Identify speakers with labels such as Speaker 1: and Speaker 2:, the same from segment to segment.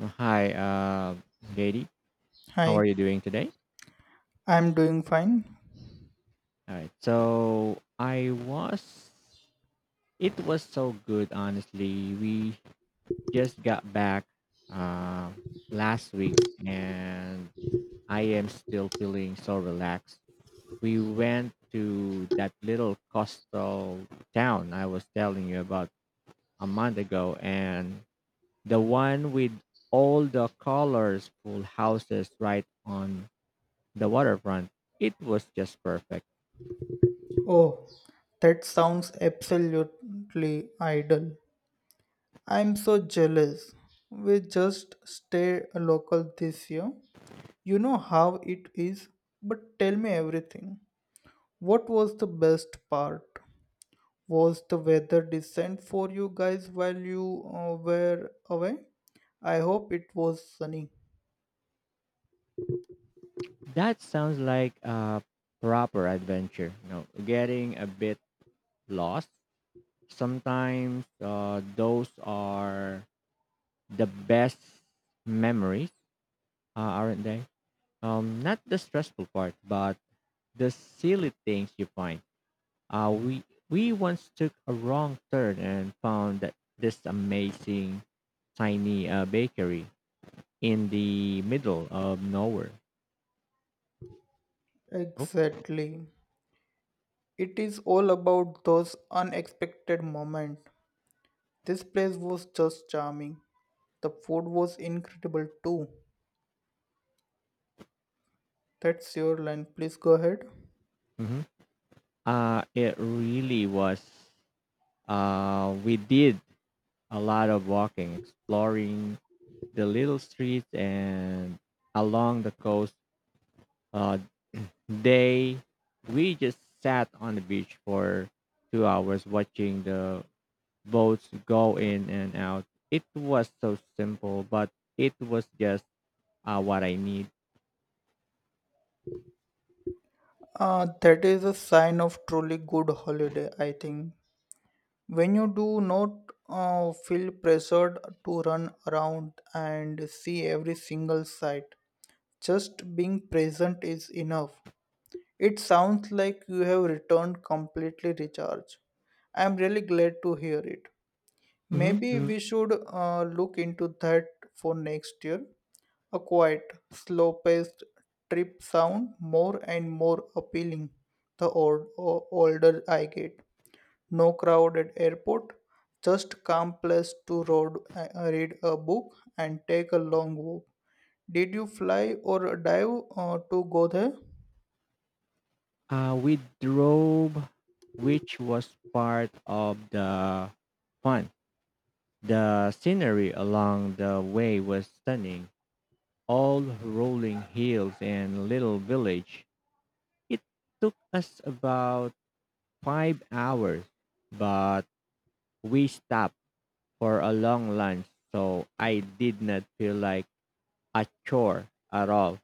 Speaker 1: Hi, JD. How are
Speaker 2: Hi,
Speaker 1: you doing today?
Speaker 2: I'm doing fine.
Speaker 1: All right. So I was. It was so good, honestly. We just got back uh, last week, and I am still feeling so relaxed. We went to that little coastal town I was telling you about a month ago, and the one with all the colorful houses right on the waterfront. It was just perfect.
Speaker 2: Oh, that sounds absolutely idle. I'm so jealous. We just stay local this year. You know how it is, but tell me everything. What was the best part? Was the weather decent for you guys while you were away? I hope it was sunny.
Speaker 1: That sounds like a proper adventure. You know, getting a bit lost. Sometimes those are the best memories, aren't they? Not the stressful part, but the silly things you find. Uh, we we once took a wrong turn and found that this amazing tiny bakery in the middle of nowhere. Oh,
Speaker 2: Exactly. It is all about those unexpected moments. This place was just charming. The food was incredible too. That's your line. Please go ahead.
Speaker 1: mhm. It really was. We did a lot of walking, exploring the little streets and along the coast. Uh, they We just sat on the beach for 2 hours watching the boats go in and out. It was so simple, but it was just what I need.
Speaker 2: That is a sign of truly good holiday, I think. When you do not feel pressured to run around and see every single sight, just being present is enough. It sounds like you have returned completely recharged. I am really glad to hear it.
Speaker 1: Mhm.
Speaker 2: Maybe we should look into that for next year. A quiet, slow paced trip sound more and more appealing the older I get. No crowded airport, just calm place to road, read a book and take a long walk. Did you fly or dive to go there?
Speaker 1: We drove, which was part of the fun. The scenery along the way was stunning, all rolling hills and little village. It took us about 5 hours, but we stopped for a long lunch, so I did not feel like a chore at all.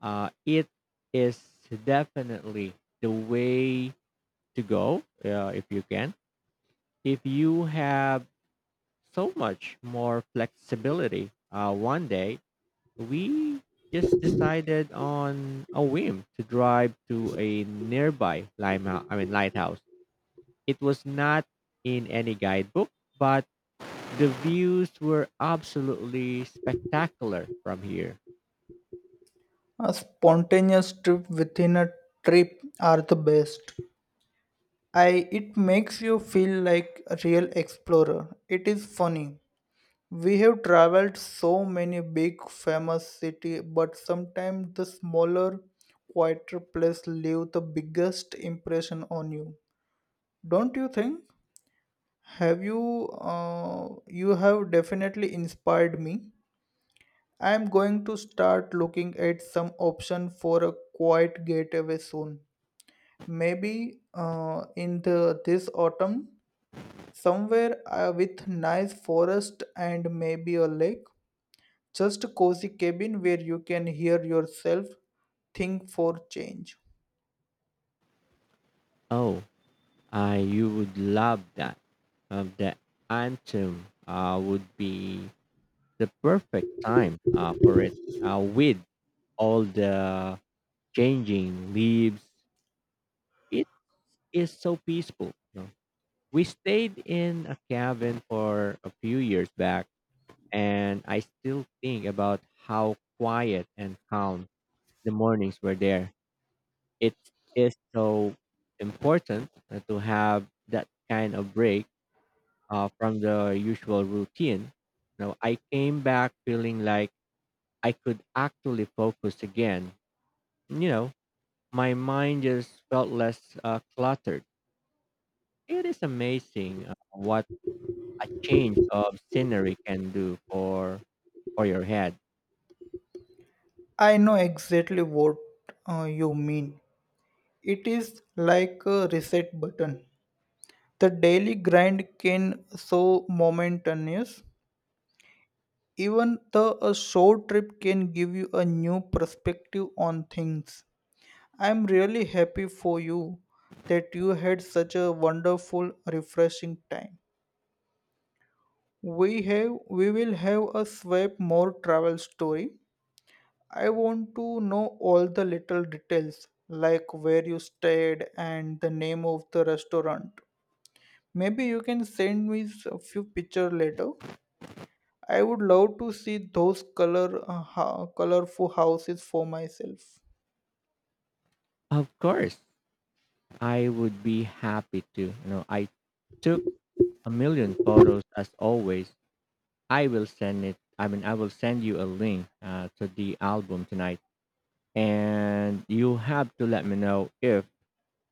Speaker 1: It is definitely the way to go if you can. If you have so much more flexibility one day, we just decided on a whim to drive to a nearby limehouse, I mean lighthouse. It was not in any guidebook, but the views were absolutely spectacular from here.
Speaker 2: A spontaneous trip within a trip are the best. I It makes you feel like a real explorer. It is funny. We have traveled so many big famous city, but sometimes the smaller, quieter place leave the biggest impression on you. Don't you think? Have you You have definitely inspired me. I am going to start looking at some option for a quiet getaway soon. Maybe in the this autumn, somewhere with nice forest and maybe a lake. Just a cozy cabin where you can hear yourself think for change.
Speaker 1: Oh, I you would love that. The anthem would be the perfect time for it with all the changing leaves. It is so peaceful. We stayed in a cabin for a few years back, and I still think about how quiet and calm the mornings were there. It is so important to have that kind of break from the usual routine. You know, I came back feeling like I could actually focus again. You know, my mind just felt less cluttered. It is amazing what a change of scenery can do for your head.
Speaker 2: I know exactly what you mean. It is like a reset button. The daily grind can so momentous. Even the a short trip can give you a new perspective on things. I'm really happy for you that you had such a wonderful, refreshing time. We will have a swipe more travel story. I want to know all the little details, like where you stayed and the name of the restaurant. Maybe you can send me a few pictures later. I would love to see those colorful houses for myself.
Speaker 1: Of course, I would be happy to. You know, I took a million photos as always. I will send you a link to the album tonight, and you have to let me know if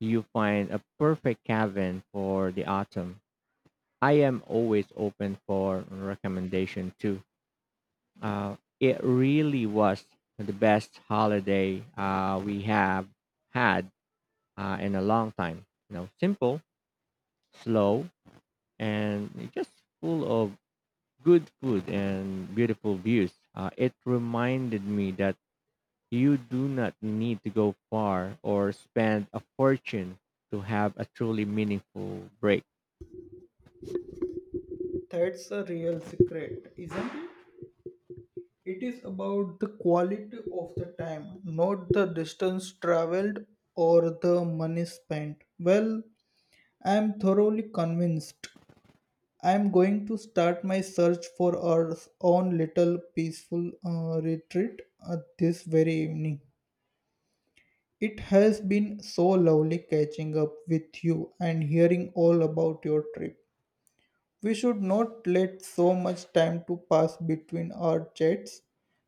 Speaker 1: you find a perfect cabin for the autumn. I am always open for recommendation too. It really was the best holiday we have had in a long time. You know, simple, slow, and just full of good food and beautiful views. It reminded me that you do not need to go far or spend a fortune to have a truly meaningful break.
Speaker 2: That's a real secret, isn't it? It is about the quality of the time, not the distance traveled or the money spent. Well, I am thoroughly convinced. I'm going to start my search for our own little peaceful retreat this very evening. It has been so lovely catching up with you and hearing all about your trip. We should not let so much time to pass between our chats.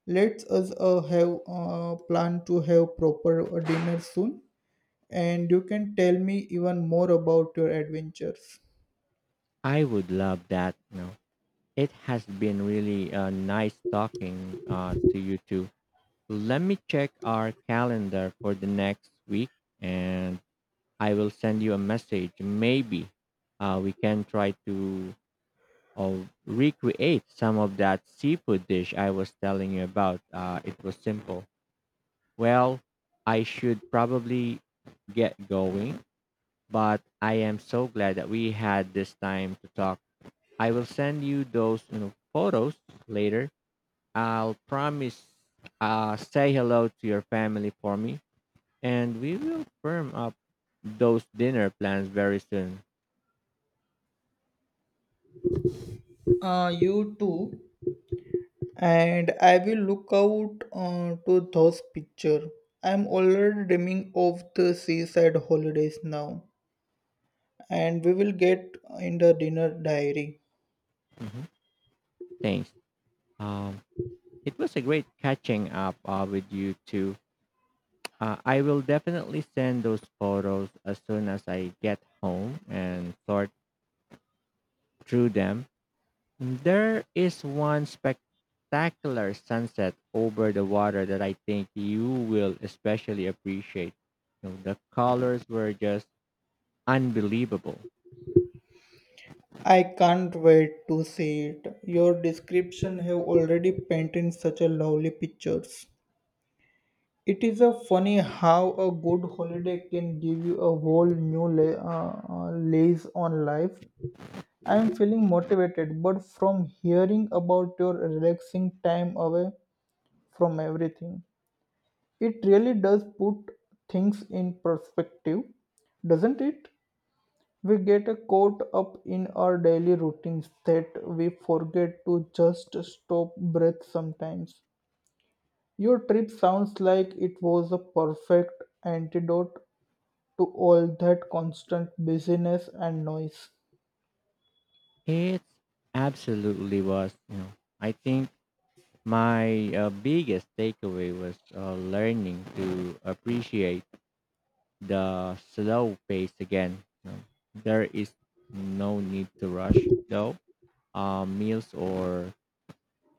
Speaker 2: Let us have plan to have proper dinner soon, and you can tell me even more about your adventures.
Speaker 1: I would love that. You know, it has been really nice talking to you too. Let me check our calendar for the next week and I will send you a message. Maybe we can try to recreate some of that seafood dish I was telling you about. It was simple. Well, I should probably get going, but I am so glad that we had this time to talk. I will send you those photos later. I'll promise, say hello to your family for me and we will firm up those dinner plans very soon.
Speaker 2: You too. And I will look out to those picture. I'm already dreaming of the seaside holidays now, and we will get in the dinner diary.
Speaker 1: Mhm. Thanks. Um, it was a great catching up with you too. I will definitely send those photos as soon as I get home and sort through them. There is one spectacular sunset over the water that I think you will especially appreciate. You know, the colors were just unbelievable.
Speaker 2: I can't wait to see it. Your description have already painted such a lovely pictures. It is a funny how a good holiday can give you a whole lease on life. I am feeling motivated, but from hearing about your relaxing time away from everything. It really does put things in perspective, doesn't it? We get caught up in our daily routines that we forget to just stop breath sometimes. Your trip sounds like it was a perfect antidote to all that constant busyness and noise.
Speaker 1: It absolutely was. You know, I think my biggest takeaway was learning to appreciate the slow pace again. You know, there is no need to rush though. Meals or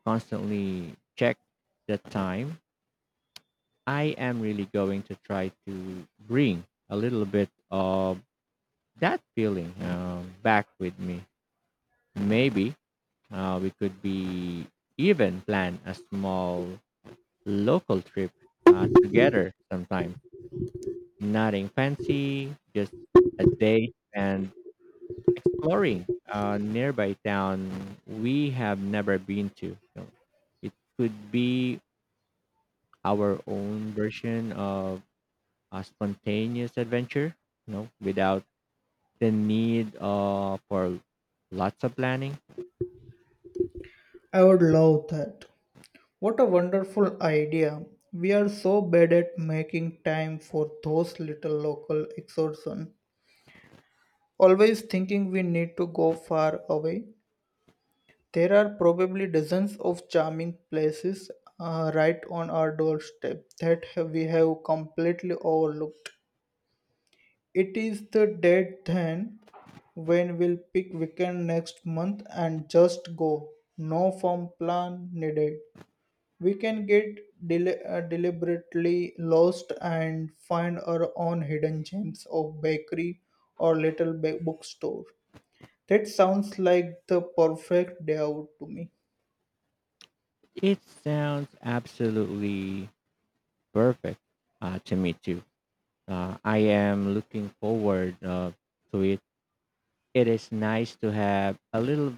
Speaker 1: constantly check the time. I am really going to try to bring a little bit of that feeling back with me. Maybe we could be Even plan a small local trip together sometime. Nothing fancy, just a day and exploring a nearby town we have never been to. You know, it could be our own version of a spontaneous adventure, you know, without the need for lots of planning.
Speaker 2: I would love that. What a wonderful idea. We are so bad at making time for those little local excursions. Always thinking we need to go far away, there are probably dozens of charming places right on our doorstep that we have completely overlooked. It is the date then when we'll pick weekend next month and just go. No firm plan needed. We can get deliberately lost and find our own hidden gems of bakery or little bookstore. That sounds like the perfect day out to me.
Speaker 1: It sounds absolutely perfect to me too. I am looking forward to it. It is nice to have a little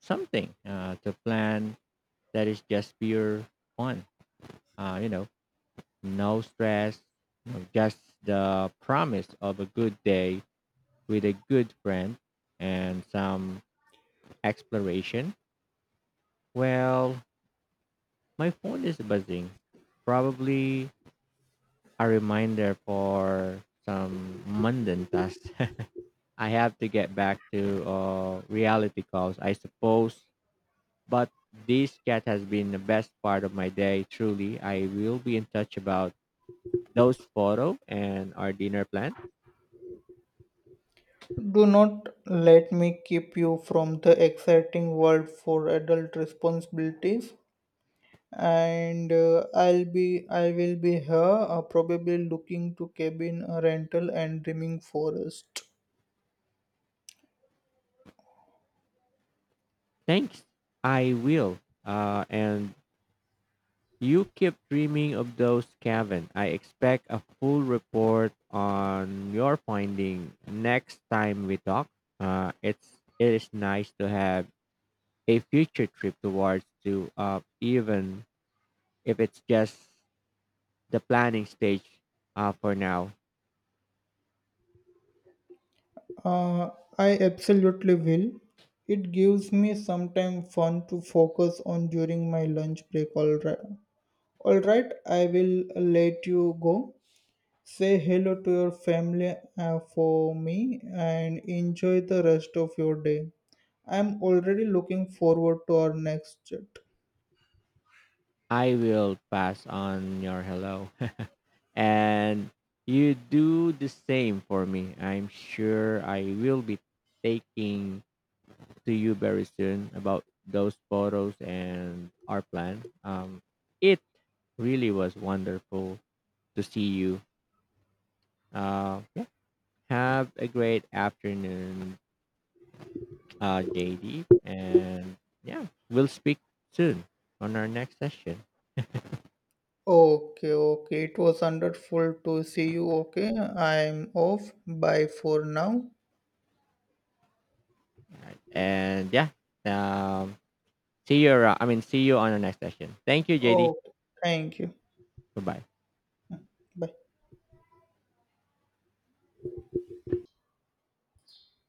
Speaker 1: something to plan that is just pure fun. You know, no stress, you know, just the promise of a good day with a good friend and some exploration. Well, my phone is buzzing. Probably a reminder for some mundane task. I have to get back to reality calls, I suppose. But this chat has been the best part of my day. Truly, I will be in touch about those photo and our dinner plan.
Speaker 2: Do not let me keep you from the exciting world for adult responsibilities. And I will be here, probably looking to cabin a rental and dreaming forest.
Speaker 1: Thanks. I will. And you keep dreaming of those, Kevin. I expect a full report on your finding next time we talk. It is nice to have a future trip towards to even if it's just the planning stage for now.
Speaker 2: Uh, I absolutely will. It gives me some time fun to focus on during my lunch break. All right. I will let you go. Say hello to your family for me and enjoy the rest of your day. I'm already looking forward to our next chat.
Speaker 1: I will pass on your hello. And you do the same for me. I'm sure I will be taking to you very soon about those photos and our plan. It really was wonderful to see you. Yeah. Have a great afternoon, JD. And yeah, we'll speak soon on our next session.
Speaker 2: Okay. It was wonderful to see you. Okay, I'm off. Bye for now.
Speaker 1: And yeah, um, see you. Around, I mean, see you on the next session. Thank you, JD.
Speaker 2: Okay, thank you.
Speaker 1: Goodbye.
Speaker 2: Bye.